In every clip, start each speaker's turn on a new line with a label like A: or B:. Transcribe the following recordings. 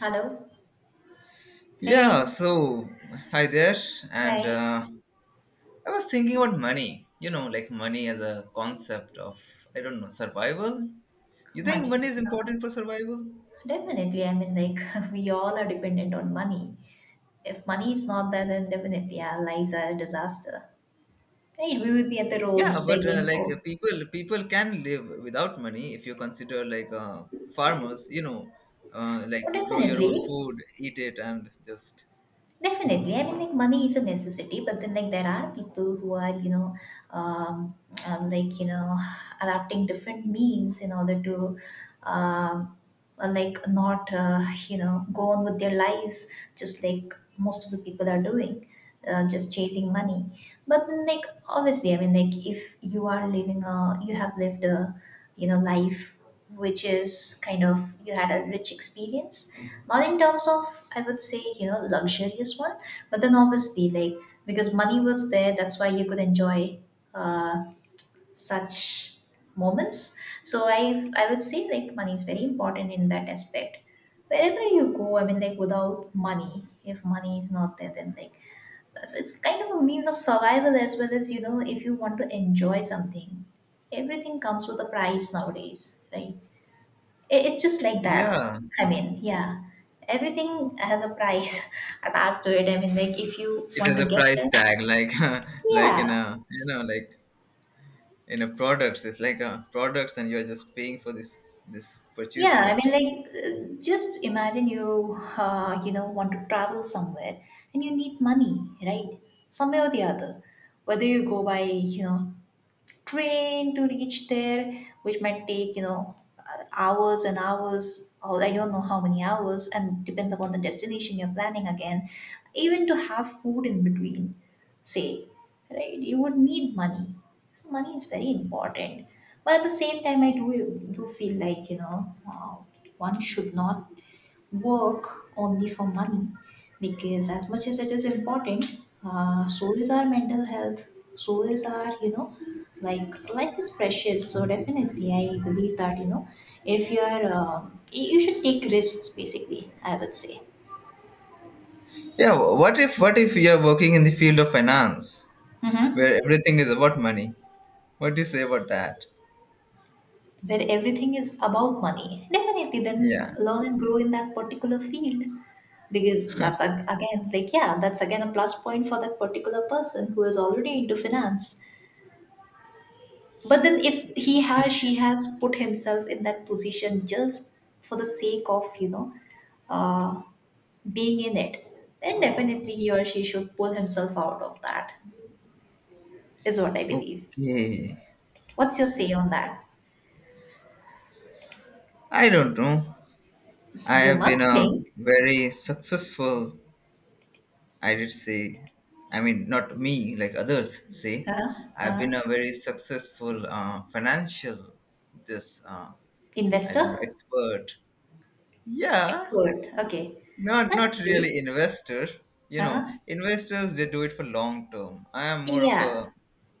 A: Hello. Hey.
B: Yeah, so hi there, and
A: Hey.
B: uh, I was thinking about money. Like money as a concept of, I don't know, survival. You think
A: Money.
B: money is
A: Uh,
B: important for survival?
A: Definitely. I mean, like, we all are dependent on money. If money is not there, then definitely our lives are a disaster. Right? We would be at the
B: Yeah,
A: roads
B: but uh,
A: begging
B: like uh,
A: for.
B: people can live without money if you consider like farmers.
A: Oh,
B: Like grow your
A: definitely.
B: own food, eat it, and just
A: Definitely. I mean, like money is a necessity, but then like there are people who are, you know, um, like you know, adapting different means in order to, um, like not, you know, go on with their lives just like most of the people are doing, just chasing money. But then like obviously, I mean, like if you are living a, you have lived a, you know, life which is kind of you had a rich experience, not in terms of, I would say, you know, luxurious one, but then obviously like because money was there, that's why you could enjoy uh, such moments. So I would say like money is very important in that aspect. Wherever you go, I mean, like without money, if money is not there, then like it's kind of a means of survival as well as, you know, if you want to enjoy something. Everything comes with a price nowadays, right? It's just like that.
B: yeah,
A: I mean, yeah, everything has a price attached to it. I mean, like if you
B: it
A: want
B: has
A: to
B: a
A: get
B: price
A: there,
B: tag like like
A: yeah,
B: in a like products. It's like products, and you're just paying for this purchasing
A: yeah. I
B: it.
A: mean, like just imagine you, you know, want to travel somewhere and you need money, right? Somewhere or the other, whether you go by, you know, train to reach there, which might take, you know, hours and hours, or I don't know how many hours, and depends upon the destination you're planning again. Even to have food in between, say, right, you would need money. So money is very important. But at the same time, I do feel like, you know, one should not work only for money, because as much as it is important, so is our mental health, so is our, you know, like life is precious. So definitely I believe that, you know, if you're you should take risks, basically, I would say.
B: Yeah, what if you're working in the field of finance
A: Mm-hmm.
B: where everything is about money? What do you say about that?
A: Where everything is about money, definitely then
B: Yeah,
A: learn and grow in that particular field, because again like yeah, that's again a plus point for that particular person who is already into finance. But then if he has, she has put himself in that position just for the sake of, you know, uh, being in it, then definitely he or she should pull himself out of that, is what I believe.
B: okay,
A: What's your say on that?
B: I don't know. I
A: You
B: have been
A: must
B: a
A: think,
B: very successful. I did say, I mean not me, like others say.
A: huh?
B: I've
A: Huh?
B: been a very successful financial, this, I don't know,
A: Investor?
B: expert. Yeah.
A: Expert. Okay.
B: Not
A: That's
B: not
A: great.
B: really investor. You know,
A: Huh?
B: investors, they do it for long term. I am more of
A: Yeah.
B: a,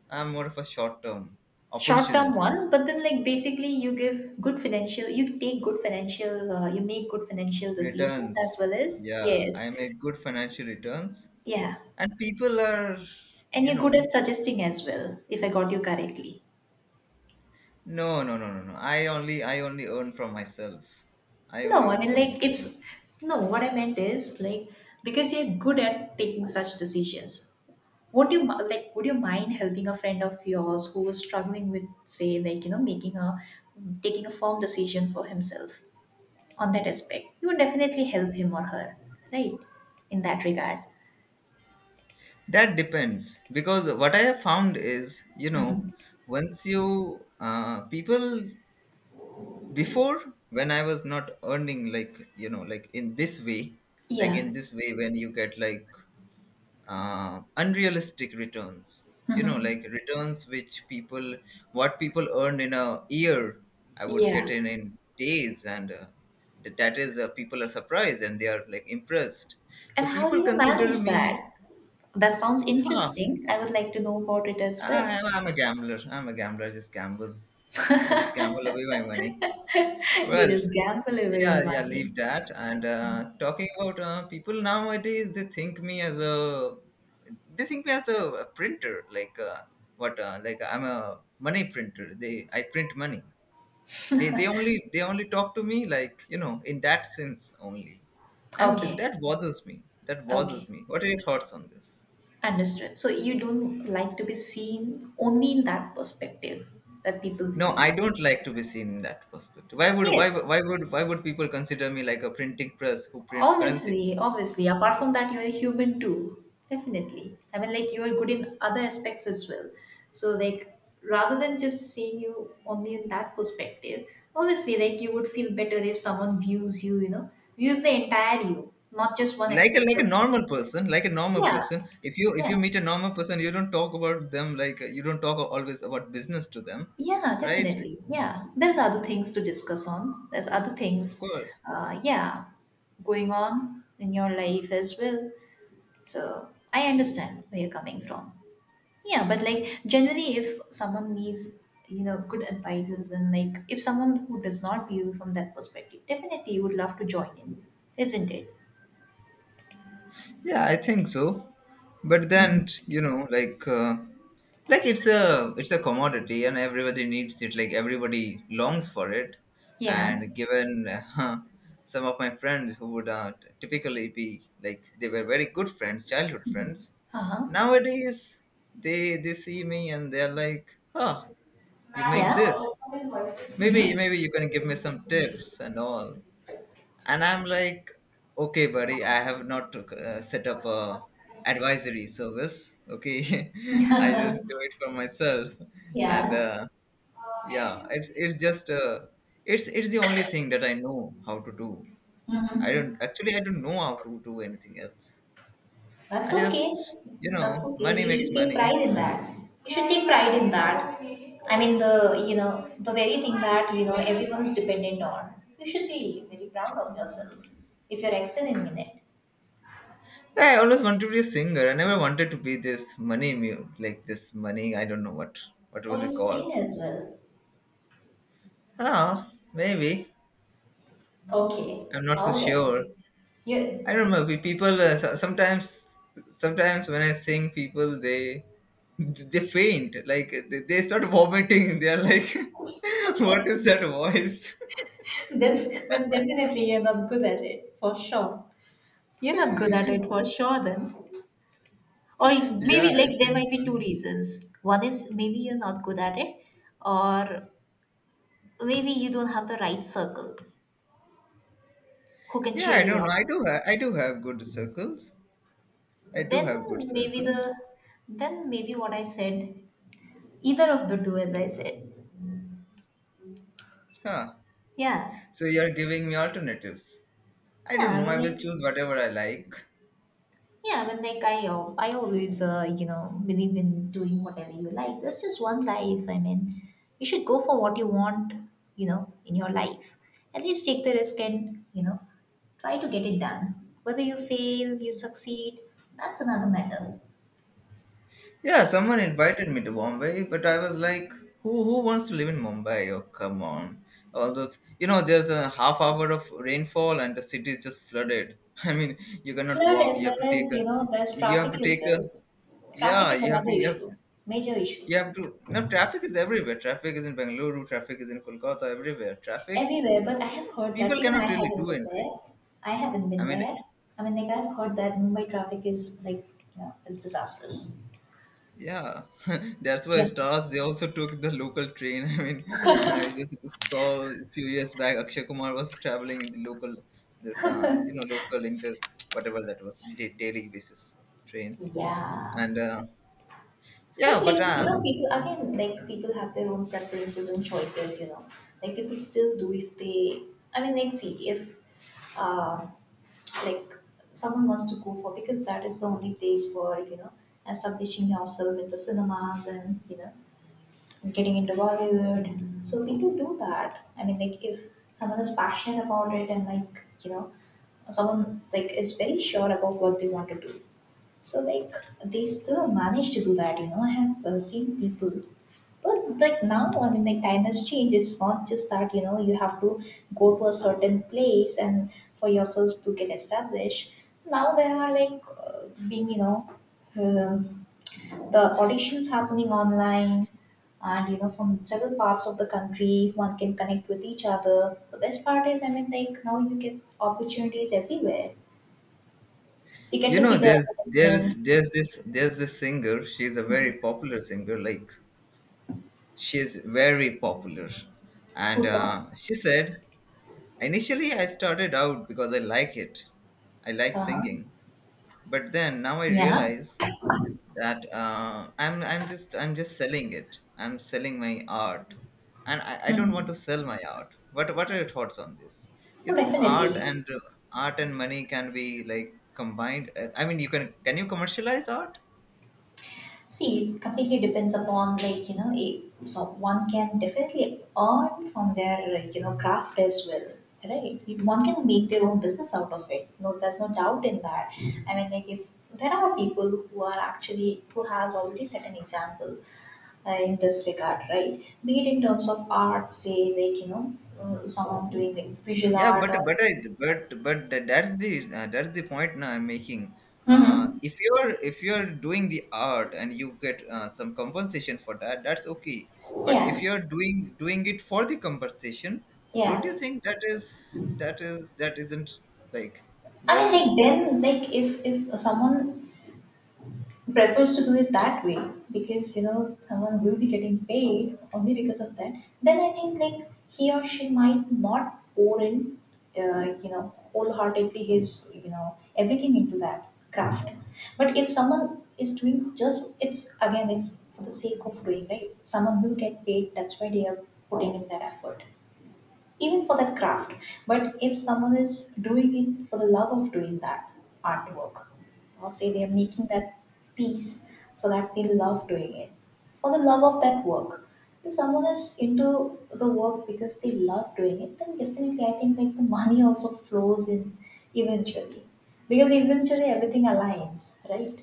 B: I am more of a short term
A: Short term
B: opportunist.
A: one, but then like basically you give good financial, you take good financial, you make good financial decisions
B: Returns.
A: as well as,
B: Yeah,
A: yes,
B: I make good financial returns.
A: yeah,
B: And people are,
A: and
B: you
A: you're good at
B: know,
A: suggesting as well, if I got you correctly.
B: no, no, no, no, no, I only earn from myself. I only
A: No, I
B: earn
A: mean,
B: from
A: like,
B: myself.
A: if no, what I meant is like, because you're good at taking such decisions. Would you mi- like? Would you mind helping a friend of yours who was struggling with, say, like, you know, making a taking a firm decision for himself on that aspect? You would definitely help him or her, right? In that regard.
B: That depends, because what I have found is, you know,
A: Hmm.
B: once you people, before, when I was not earning like, you know, like in this way, like
A: Yeah.
B: in this way, when you get like unrealistic returns, you know,
A: Hmm.
B: like returns which people, what people earn in a year, I would get
A: Yeah.
B: in days, and that is people are surprised and they are like impressed,
A: And
B: so
A: how do
B: people
A: you
B: consider
A: manage
B: me,
A: that? That sounds
B: huh,
A: interesting. I would like to know about it as
B: I,
A: well.
B: i'm a gambler i'm a gambler I just gamble away my money.
A: You
B: Well,
A: just gamble away
B: yeah,
A: your
B: yeah,
A: money.
B: leave that, and talking about people nowadays, they think me as a, they think me as a printer like, what, like I'm a money printer. They, I print money. They only talk to me like, you know, in that sense only, and
A: Okay,
B: that bothers me. That bothers
A: okay,
B: me. What are your thoughts on this?
A: understood. So you don't like to be seen only in that perspective that people
B: No,
A: see
B: I
A: you.
B: don't like to be seen in that perspective. why would why,
A: Yes,
B: would- why would why would people consider me like a printing press who prints currency
A: obviously,
B: notes?
A: obviously. Apart from that, you're a human too. Definitely. I mean, like, you're good in other aspects as well. So, like, rather than just seeing you only in that perspective, obviously, like, you would feel better if someone views you, you know, views the entire you, not just one
B: Like a,
A: aspect
B: like a
A: of you.
B: normal person. Like a normal
A: Yeah,
B: person, if you, if
A: yeah,
B: you meet a normal person, you don't talk about them like you don't talk always about business to them,
A: yeah,
B: right?
A: definitely. Yeah. There's other things to discuss on. There's other
B: Of
A: things,
B: course.
A: yeah, going on in your life as well. So, I understand where you're coming from. Yeah, but like generally, if someone needs, you know, good advices, and like if someone who does not view from that perspective, definitely would love to join in, isn't it?
B: Yeah, I think so. But then,
A: Mhm.
B: you know, like it's a, it's a commodity and everybody needs it. Like everybody longs for it.
A: Yeah.
B: And given some of my friends who would typically be like, they were very good friends, childhood friends.
A: Uh huh.
B: Nowadays, they see me and they're like, "Huh, you make
A: Yeah.
B: this.
A: Hmm.
B: Maybe you can give me some tips and all." And I'm like, okay buddy, I have not set up a advisory service, okay. I just do it for myself, and
A: Yeah.
B: yeah, it's just it's the only thing that I know how to do. I
A: Hmm.
B: don't actually, I don't know how to do anything else. I
A: That's okay.
B: just, you
A: That's
B: know,
A: okay.
B: money
A: You
B: makes
A: should take
B: money.
A: pride in that. You should take pride in that. I mean, the you know the very thing that, you know, everyone's dependent on. You should be very proud of yourself if you're excelling in it.
B: Yeah, I always wanted to be a singer. I never wanted to be this money, like this money, I don't know what would
A: Oh, you
B: it call?
A: sing as well.
B: Oh, maybe
A: Okay,
B: I'm not so
A: all right.
B: sure.
A: You
B: I don't know. People, sometimes, sometimes when I sing, people, they faint. Like they start vomiting. They are like, "What is that voice?"
A: then then definitely you're not good at it for sure. You're not good at it for sure then. Or
B: Yeah,
A: maybe
B: I
A: like there
B: think
A: might
B: so.
A: be two reasons. One is maybe you're not good at it, or maybe you don't have the right circle who can
B: Yeah,
A: cheer
B: I
A: you
B: don't know.
A: up.
B: I do. I do have good circles. I do
A: Then
B: have good
A: maybe
B: circle.
A: the then maybe what I said, either of the two as I said.
B: Huh.
A: Yeah.
B: So you are giving me alternatives. I don't
A: Yeah, I
B: know. I
A: mean,
B: will
A: like
B: choose whatever I like.
A: yeah, but like I always, you know, believe in doing whatever you like. There's just one life. I mean, you should go for what you want, you know, in your life. At least take the risk and, you know, try to get it done. Whether you fail, you succeed, that's another matter.
B: Yeah, someone invited me to Bombay, but I was like, who wants to live in Mumbai? Oh, come on. All those, you know, there's a half hour of rainfall and the city is just flooded. I mean, you cannot
A: Flood
B: walk.
A: as
B: You
A: well
B: have to take
A: as,
B: a,
A: you know, there's
B: you have to
A: traffic as
B: take a,
A: well. Traffic
B: yeah,
A: is another issue, major issue.
B: you have to, no, traffic is everywhere. Traffic is in Bengaluru, traffic is in Kolkata, everywhere. Traffic,
A: Everywhere, but I have heard that,
B: people
A: even I
B: cannot really
A: haven't
B: do
A: been
B: anything.
A: there. I haven't
B: I
A: been
B: mean,
A: there. I mean, like I've heard that Mumbai traffic is like, you know, is disastrous.
B: yeah, that's why
A: Yeah,
B: stars, they also took the local train. I mean, I just saw a few years back Akshay Kumar was traveling in the local, this, you know, local inter whatever that was, daily basis train.
A: yeah.
B: And
A: But
B: yeah, but
A: like, you know, people again, like people have their own preferences and choices. You know, like people still do if they. I mean, like see if um, like someone wants to go for, because that is the only place for, you know, establishing yourself into cinemas and, you know, getting into Bollywood. So people do that. I mean, like if someone is passionate about it and like, you know, someone like is very sure about what they want to do, so like they still manage to do that, you know. I have seen people, but like now, I mean, like time has changed. It's not just that, you know, you have to go to a certain place and for yourself to get established. Now there are like being, you know, um, the auditions happening online, and you know, from several parts of the country, one can connect with each other. The best part is, I mean, like now you get opportunities everywhere. You get
B: you
A: to
B: know,
A: see the
B: there's there's
A: advertisements.
B: there's this there's this singer. She's a very popular singer. Like, she's very popular, and
A: Who's that?
B: she said, initially I started out because I like it. I like
A: Uh-huh.
B: singing, but then now I
A: Yeah.
B: realize that I'm just selling it. I'm selling my art, and I don't want
A: Mm-hmm.
B: to sell my art. What are your thoughts on this? You
A: Oh,
B: think art,
A: definitely.
B: and art and money can be like combined? I mean, you can you commercialize art?
A: See, it completely depends upon, like, you know, it, so one can definitely earn from their, you know, craft as well. Right? One can make their own business out of it. No, there's no doubt in that. I mean, like if there are people who are actually, who has already set an example in this regard, right? Be it in terms of art, say like, you know, someone doing like visual
B: Yeah,
A: art or.
B: but I, but that's the, that's the point now I'm making.
A: Mm-hmm.
B: If you're, if you're doing the art and you get some compensation for that, that's okay. But if
A: Yeah.
B: you're doing, doing it for the compensation, don't
A: Yeah.
B: you think that is, that is, that isn't like,
A: I mean,
B: well?
A: like then, like if someone prefers to do it that way because, you know, someone will be getting paid only because of that, then I think like he or she might not pour in, you know, wholeheartedly his, you know, everything into that craft. But if someone is doing just it's again it's for the sake of doing, right, someone will get paid. That's why they are putting in that effort, even for that craft. But if someone is doing it for the love of doing that artwork, or say they are making that piece so that they love doing it, for the love of that work, if someone is into the work because they love doing it, then definitely I think like the money also flows in eventually. Because eventually everything aligns, right?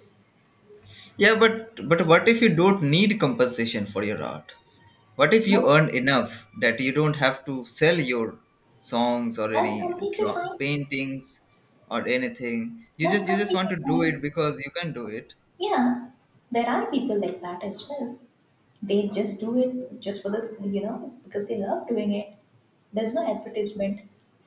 B: Yeah, but what if you don't need compensation for your art? What if you
A: That-
B: earn enough that you don't have to sell your songs, or
A: That's
B: any
A: completely
B: draw
A: fine.
B: paintings or anything? You
A: That's
B: just, you just want
A: completely
B: to do it
A: fine.
B: because you can do it.
A: Yeah, there are people like that as well. They just do it just for the because they love doing it. There's no advertisement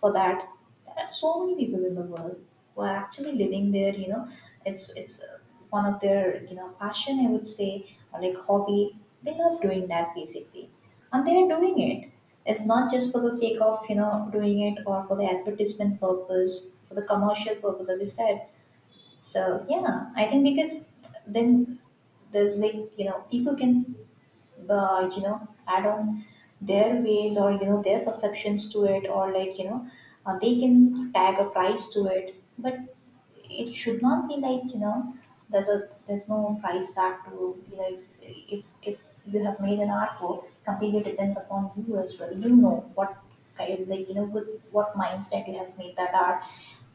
A: for that. There are so many people in the world who are actually living their it's one of their passion, I would say, or like hobby. They love doing that basically, and they are doing it. It's not just for the sake of doing it or for the advertisement purpose, for the commercial purpose, as you said. So yeah, I think because then there's like people can add on their ways or their perceptions to it, or like they can tag a price to it. But it should not be like there's no price tag to if you have made an artwork, completely depends upon you as well. You know what kind of, like with what mindset you have made that art,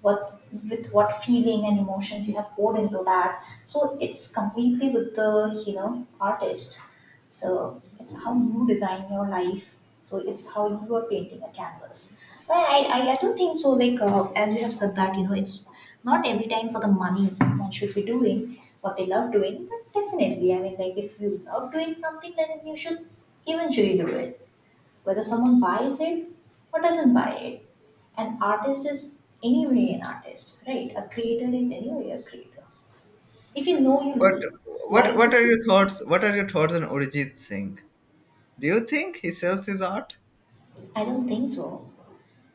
A: what, with what feeling and emotions you have poured into that. So it's completely with the artist. So it's how you design your life. So it's how you are painting a canvas. So I do think so. Like as you have said, that it's not every time for the money. One should be doing what they love doing, but definitely, I mean, like, if you love doing something, then you should eventually do it, whether someone buys it or doesn't buy it. An artist is anyway an artist, right? A creator is anyway a creator. If you
B: What what
A: like
B: what
A: to,
B: are your thoughts? What are your thoughts on Arijit Singh? Do you think he sells his art?
A: I don't think so.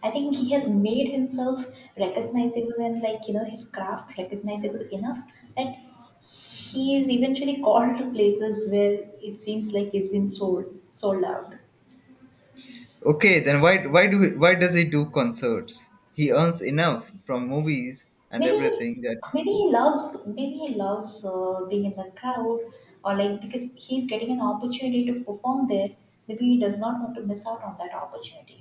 A: I think he has made himself recognizable and, like, his craft recognizable enough that he is eventually called to places where it seems like he's been sold out.
B: Okay, then why do he, why does he do concerts? He earns enough from movies and
A: Maybe,
B: everything that,
A: maybe he loves, maybe he loves being in the crowd, or like because he's getting an opportunity to perform there. Maybe he does not want to miss out on that opportunity.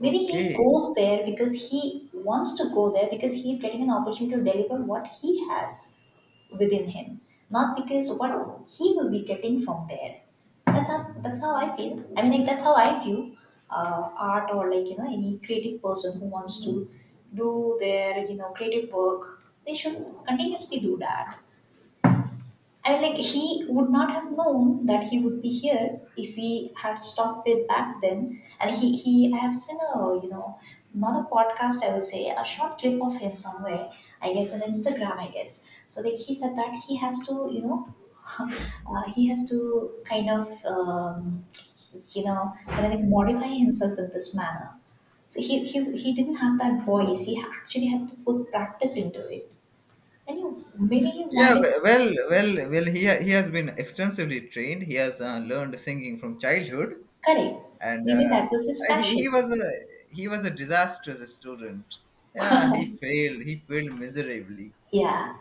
A: Maybe he
B: okay.
A: goes there because he wants to go there because he's getting an opportunity to deliver what he has within him, not because what he will be getting from there. That's how I feel. I mean, like, that's how I view art, or like any creative person who wants to do their creative work. They should continuously do that. I mean, like, he would not have known that he would be here if he had stopped it back then. And he, I have seen a, you know, not a podcast, I will say, a short clip of him somewhere. I guess on Instagram, I guess. So like he said that he has to, you know, he has to kind of, you know, I mean, like, modify himself in this manner. So he didn't have that voice. He actually had to put practice into it. And maybe he
B: Yeah,
A: wanted.
B: well, well, well. He he has been extensively trained. He has learned singing from childhood,
A: Correct.
B: and
A: Maybe that was his
B: he
A: passion.
B: was a, he was a disastrous student. Yeah, he failed. He failed miserably,
A: Yeah.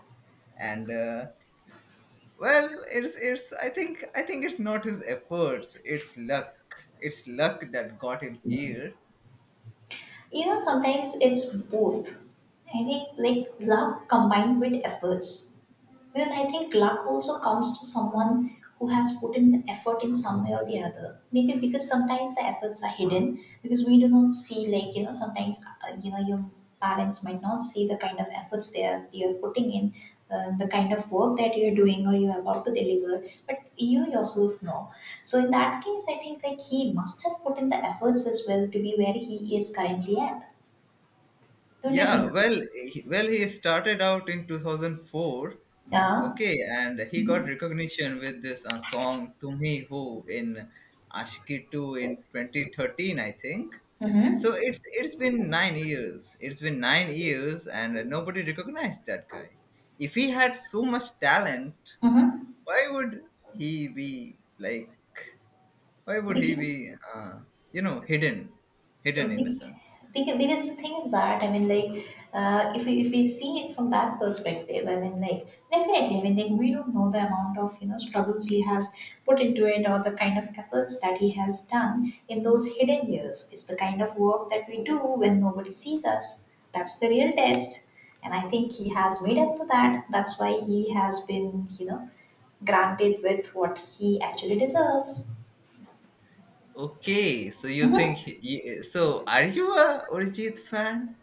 B: and well, it's. I think, I think it's not his efforts. It's luck. It's luck that got him here.
A: You know, sometimes it's both. I think like luck combined with efforts. Because I think luck also comes to someone who has put in the effort in some way or the other. Maybe because sometimes the efforts are hidden because we do not see, like, you know, sometimes, you know, your parents might not see the kind of efforts they are, you're putting in, the kind of work that you're doing or you're about to deliver, but you yourself know. So in that case, I think like he must have put in the efforts as well to be where he is currently at. Don't you
B: Yeah,
A: think so?
B: well, well, he started out in 2004,
A: Yeah.
B: okay, and he got recognition with this song "Tumhi Ho" in Ashiki 2 in 2013, I think. So
A: Mm-hmm.
B: it's been 9 years. It's been 9 years, and nobody recognized that guy. If he had so much talent,
A: Mm-hmm.
B: why would he be like? Why would he
A: Because
B: be, you know, hidden,
A: So,
B: hidden in a sense?
A: Because the thing is that, I mean, like, if we see it from that perspective, I mean, like, definitely, I mean, like, we don't know the amount of struggles he has put into it, or the kind of efforts that he has done in those hidden years. It's the kind of work that we do when nobody sees us. That's the real test, and I think he has made up for that. That's why he has been granted with what he actually deserves.
B: Okay, so you
A: Mhm.
B: think he, so, are you a Arijit fan?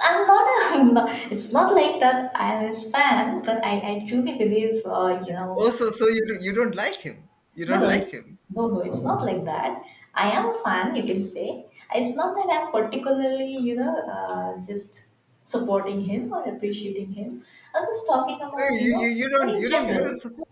A: I'm not a. No, it's not like that. I'm his fan, but I truly believe, you know,
B: Also, so you don't, you don't like him. You
A: no,
B: don't
A: no,
B: like
A: it's
B: him.
A: no, no, it's not like that. I am a fan, you can say. It's not that I'm particularly, you know, just supporting him or appreciating him. I'm just talking
B: Oh,
A: about, you
B: you, you
A: know,
B: you don't,
A: in
B: you don't you don't
A: general.
B: support,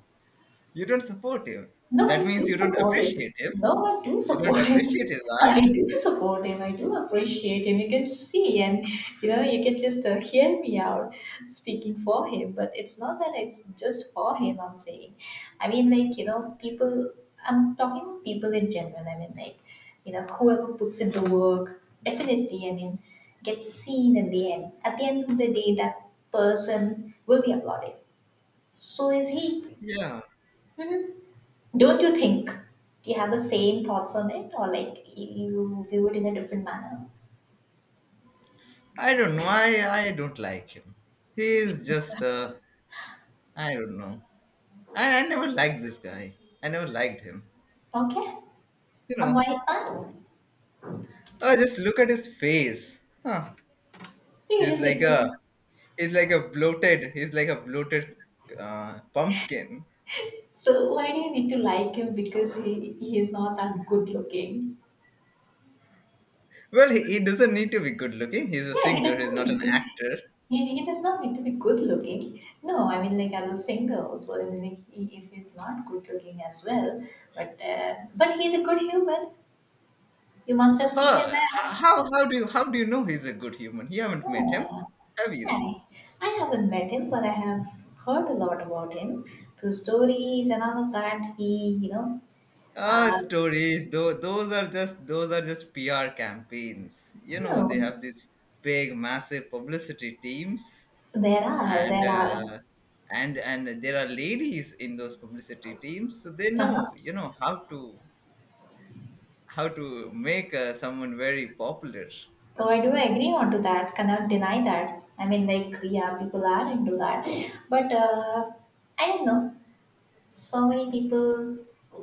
B: you don't support him.
A: No, I
B: That means
A: do
B: you don't
A: support him.
B: appreciate him.
A: No, I do
B: You don't
A: support
B: appreciate
A: him.
B: his art.
A: I do support him. I do appreciate him. You can see, and you know, you can just hear me out speaking for him. But it's not that it's just for him. I'm saying, I mean, like, you know, people. I'm talking about people in general. I mean, like, you know, whoever puts in the work, definitely. I mean, gets seen in the end. At the end of the day, that person will be applauded. So is he.
B: Yeah,
A: Mhm. Don't you think? Do you have the same thoughts on it, or like you view it in a different manner?
B: I don't know. I don't like him. He is just, I don't know. I never liked this guy. I never liked him.
A: Okay,
B: You
A: and why
B: know.
A: is that?
B: Oh, just look at his face. Huh?
A: You
B: He's
A: don't
B: like
A: need to.
B: a, he's like a bloated, he's like a bloated pumpkin.
A: So why do you need to like him because he is not that good looking?
B: Well, he doesn't need to be good looking. He's a
A: Yeah, he does
B: singer. He's
A: not
B: not
A: need
B: an
A: to.
B: actor.
A: He does not need to be good looking. No, I mean, like, as a single. So I mean, like, if he's not good looking as well, but he's a good human. You must have seen
B: Huh?
A: his ass.
B: How do you, how do you know he's a good human? You haven't met him,
A: Yeah.
B: have you?
A: Hi, I haven't met him, but I have heard a lot about him through stories and all of that. He, you know,
B: Ah,
A: uh,
B: stories. Though those are just, those are just PR campaigns. You know they
A: no,
B: have these big, massive publicity teams,
A: there
B: and
A: are.
B: and there are ladies in those publicity teams, so they know,
A: Uh-huh.
B: you know, how to, how to make someone very popular.
A: So I do agree on to that. Cannot deny that. I mean, like, yeah, people are into that, but I don't know. So many people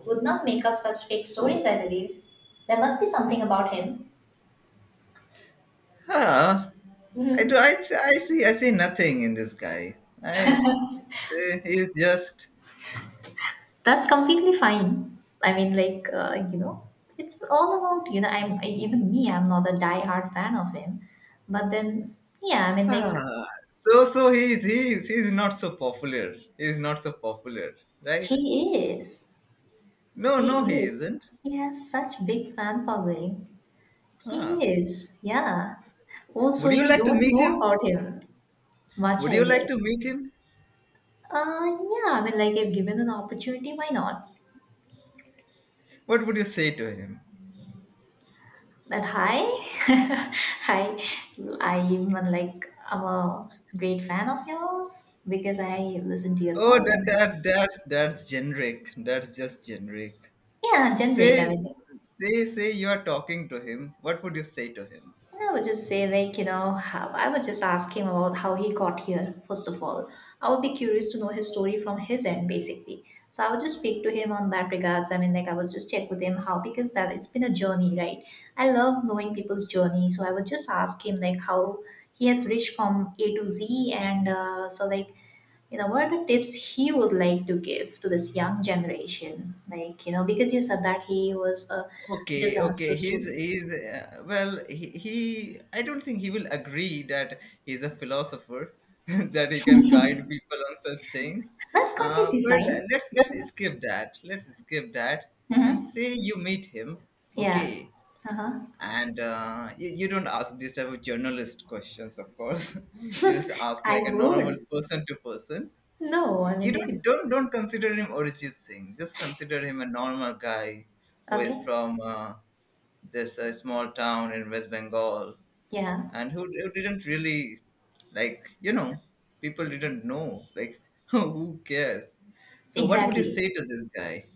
A: would not make up such fake stories. I believe there must be something about him.
B: Huh? I do.
A: Mm-hmm.
B: I, I see. I see nothing in this guy. I. He's just.
A: That's completely fine. I mean, like, you know, it's all about, you know, even me, I'm not a die-hard fan of him. But then, yeah, I mean, like,
B: Ah, so so he's not so popular. He's not so popular, right?
A: he is.
B: No, no,
A: He
B: he
A: is.
B: isn't.
A: He has such big fan following. He
B: Ah.
A: is. Yeah. Oh, so
B: Would you
A: you
B: like to
A: don't
B: meet
A: know
B: him?
A: about him much,
B: Would you
A: I
B: like
A: guess.
B: to meet him?
A: Yeah, I mean, like, if given an opportunity, why not?
B: What would you say to him?
A: But hi, hi, I'm like I'm a great fan of yours because I listen to your
B: Oh,
A: songs
B: that
A: and
B: that that's that's generic. That's just generic.
A: yeah, generic. I
B: Say,
A: mean,
B: say, say you are talking to him. What would you say to him?
A: I would just say, like, you know, how, I would just ask him about how he got here, first of all. I would be curious to know his story from his end, basically. So I would just speak to him on that regards. I mean, like, I would just check with him how, because that it's been a journey, right? I love knowing people's journey. So I would just ask him, like, how he has reached from A to Z. And so, like, you know, what are the tips he would like to give to this young generation? Like, you know, because you said that he was a
B: Okay, okay.
A: disastrous
B: He's
A: student.
B: he's well, he, I don't think he will agree that he's a philosopher that he can guide people on such things.
A: That's completely
B: But
A: fine.
B: let's
A: But,
B: let's skip that. Let's skip that and
A: hmm
B: say you meet him.
A: Yeah.
B: Okay,
A: Uh-huh.
B: and you, you don't ask this type of journalist questions, of course. You just ask like
A: I
B: a normal
A: would.
B: person to person,
A: No,
B: you,
A: I
B: you
A: mean, like,
B: don't
A: it's
B: don't don't consider him Arijit Singh. Just consider him a normal guy who is
A: okay.
B: from, this, small town in West Bengal,
A: Yeah,
B: and who didn't really like, you know, people didn't know, like, who cares. So what would you
A: exactly.
B: say to this guy?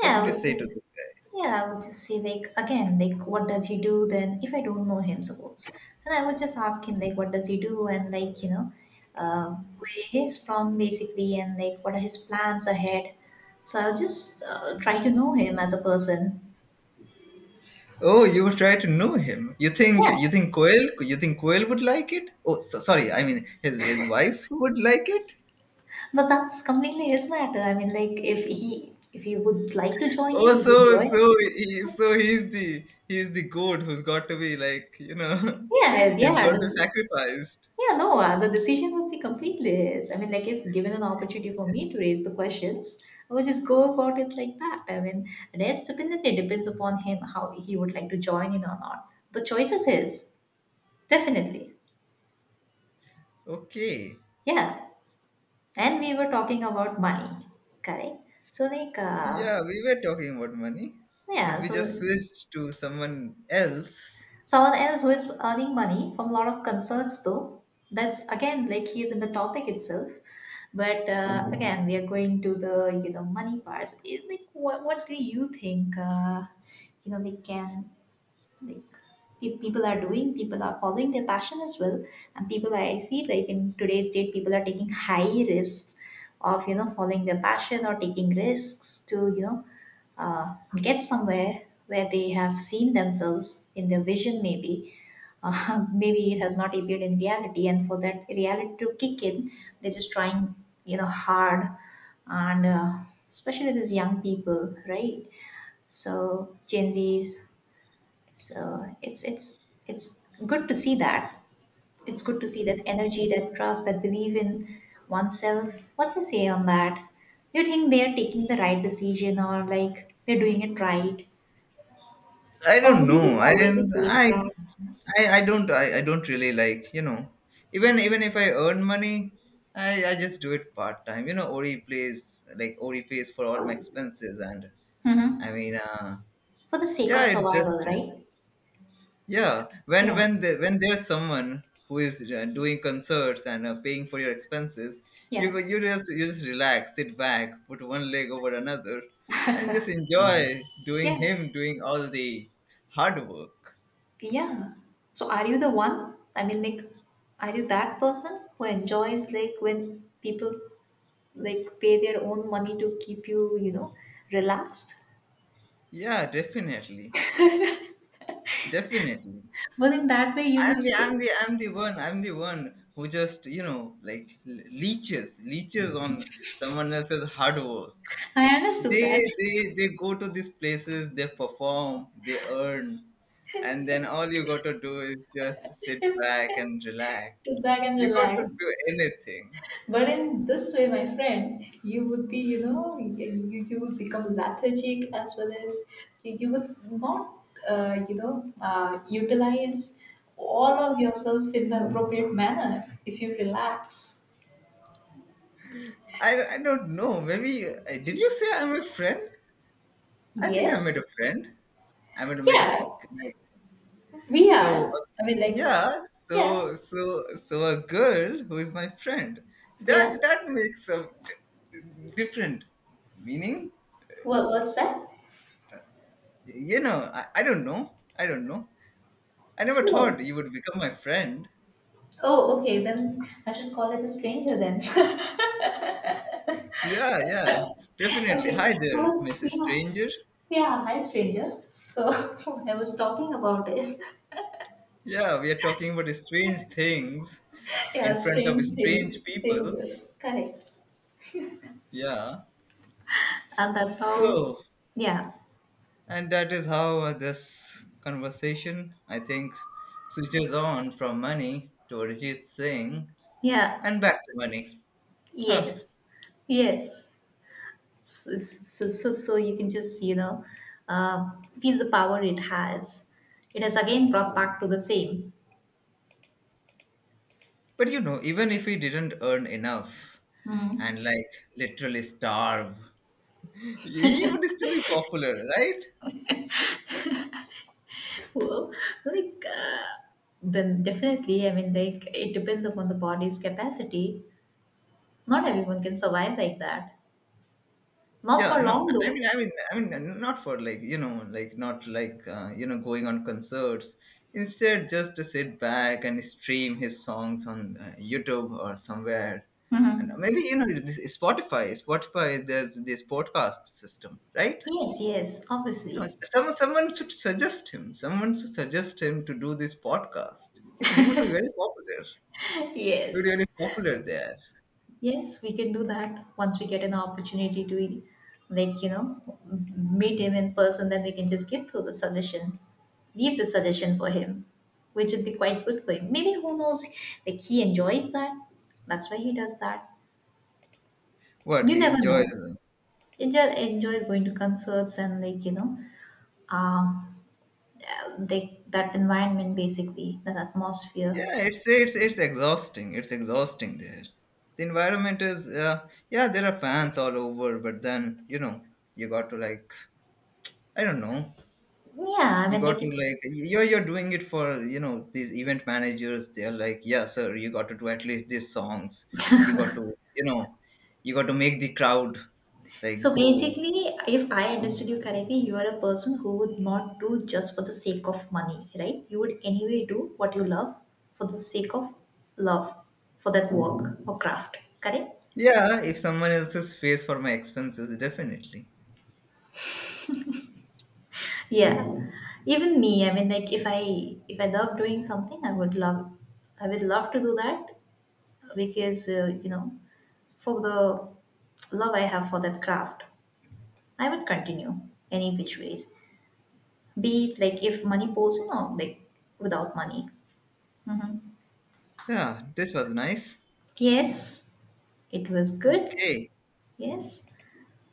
B: What
A: Yeah,
B: would
A: I
B: you
A: would
B: say to
A: say,
B: this guy?
A: yeah, I would just say, like, again, like, what does he do then? If I don't know him, suppose, then I would just ask him, like, what does he do? And, like, you know, uh, where he's from, basically, and, like, what are his plans ahead? So I'll just try to know him as a person.
B: Oh, you would try to know him. You think,
A: Yeah,
B: you think Quail would like it? Oh, so, sorry, I mean, his wife would like it.
A: but that's completely his matter. I mean, like, if he would like to join
B: Oh,
A: in, he would join
B: so
A: in.
B: so he, so he's the, he's the goat who's got to be like, you know,
A: Yeah,
B: he's got
A: yeah,
B: to be sacrificed.
A: yeah. No, the decision would be completely his. I mean, like, if given an opportunity for me to raise the questions, I would just go about it like that. I mean, rest definitely depends upon him how he would like to join in or not. The choice is his, definitely.
B: Okay,
A: Yeah, and we were talking about money, correct? So like,
B: yeah, we were talking about money, but
A: yeah,
B: we just
A: so
B: switched to someone else.
A: Someone else who is earning money from a lot of concerns, though, that's again like he is in the topic itself. But again, we are going to the money parts. Like, what do you think? You know, we can like people are doing, people are following their passion as well, and people I see, like, in today's date, people are taking high risks of following their passion, or taking risks to get somewhere where they have seen themselves in their vision, maybe maybe it has not appeared in reality, and for that reality to kick in, they're just trying hard. And especially these young people, right? So gen z's. So it's it's good to see that. It's good to see that energy, that trust, that belief in oneself. What's your say on that? Do you think they are taking the right decision, or like they're doing it right?
B: I
A: Or
B: don't
A: would you be
B: know,
A: following the
B: and
A: same
B: I,
A: track?
B: I don't really like, you know, even even if I earn money, I just do it part time. You know, Ori plays, like Ori pays for all my expenses, and
A: Hmm.
B: I mean,
A: For the sake
B: yeah,
A: of
B: it's
A: survival,
B: just.
A: right?
B: Yeah,
A: Yeah.
B: when they, when there's someone who is doing concerts and paying for your expenses, you
A: Yeah.
B: go, you just, you just relax, sit back, put one leg over another, and just enjoy doing
A: Yeah.
B: him doing all the hard work.
A: Yeah. So are you the one? I mean, like, are you that person who enjoys like when people like pay their own money to keep you, you know, relaxed?
B: Yeah, definitely, definitely.
A: But in that way, you
B: I'm
A: could
B: the
A: sit.
B: I'm the I'm the one who just, you know, like, leeches, leeches on someone else's hard work.
A: I understood
B: they
A: that.
B: they they go to these places, they perform, they earn, and then all you got to do is just sit back and relax.
A: Sit back and
B: You got to
A: relax.
B: do anything.
A: But in this way, my friend, you would be, you know, you would become lethargic, as well as you would not, you know, utilize all of yourself in the appropriate manner if you relax.
B: I don't know. Maybe, did you say I'm a friend? I think I
A: Yes.
B: made a friend. I made a, made a,
A: Yeah,
B: like,
A: we
B: so,
A: are. I mean, like,
B: yeah,
A: yeah,
B: so so so a girl who is my friend,
A: yeah.
B: that that makes a different meaning.
A: What, what's that?
B: You know, I don't know. I don't know. I never
A: No.
B: thought you would become my friend.
A: Oh, okay. Then I should call it a stranger then.
B: Yeah, yeah, definitely.
A: Okay.
B: Hi there,
A: Well,
B: Mrs.
A: yeah,
B: Stranger.
A: yeah, hi, stranger. So, what I was talking about is,
B: Yeah, we are talking about strange things in
A: yeah,
B: front of
A: strange
B: strange
A: things,
B: people.
A: strangers. Correct.
B: Yeah.
A: And that's how,
B: So,
A: yeah,
B: and that is how this conversation, I think, switches on from money to Arijit Singh
A: yeah,
B: and back to money. Huh.
A: yes, yes. So, so you can just, you know, uh, feel the power it has. It has again brought back to the same.
B: But you know, even if he didn't earn enough and
A: Mm.
B: like literally starve, he would still be popular, right?
A: Well, like, then definitely, I mean, like, it depends upon the body's capacity. Not everyone can survive like that. Not
B: Yeah,
A: for
B: no, no,
A: long
B: I
A: though.
B: mean, I mean, I mean, not for like, you know, like not like, you know, going on concerts. Instead, just to sit back and stream his songs on YouTube or somewhere, and
A: Mhm.
B: maybe, you know, this Spotify. Spotify, there's this podcast system, right?
A: Yes, yes,
B: You know,
A: obviously.
B: someone should suggest him. Someone should suggest him to do this podcast. You know, he would be very popular. He would be
A: Yes.
B: very popular there.
A: Yes, we can do that once we get an opportunity to, like, you know, meet him in person, then we can just give through the suggestion, leave the suggestion for him, which would be quite good for him. Maybe who knows, like, he enjoys that. That's why he does that.
B: What
A: You
B: he
A: never
B: enjoys.
A: know. You just enjoy going to concerts and, like, you know, um, like that environment basically, that atmosphere.
B: Yeah, it's exhausting. It's exhausting there. The environment is, yeah, there are fans all over, but then, you know, you got to like, I don't know,
A: Yeah, I
B: you
A: mean,
B: got
A: like,
B: to
A: it
B: like, you're doing it for, you know, these event managers, they're like, yeah sir, you got to do at least these songs, you got to, you know, you got to make the crowd, like,
A: So
B: go.
A: basically, if I understood you correctly, you are a person who would not do just for the sake of money, right? You would anyway do what you love for the sake of love for that work or craft, correct?
B: Yeah, if someone else is pays for my expenses, definitely.
A: Yeah. Even me, I mean, like, if I love doing something, I would love to do that because you know, for the love I have for that craft, I would continue any which ways. Be it like if money pulls in or like without money. Mhm.
B: Yeah, this was nice.
A: Yes, it was good.
B: Okay.
A: Yes.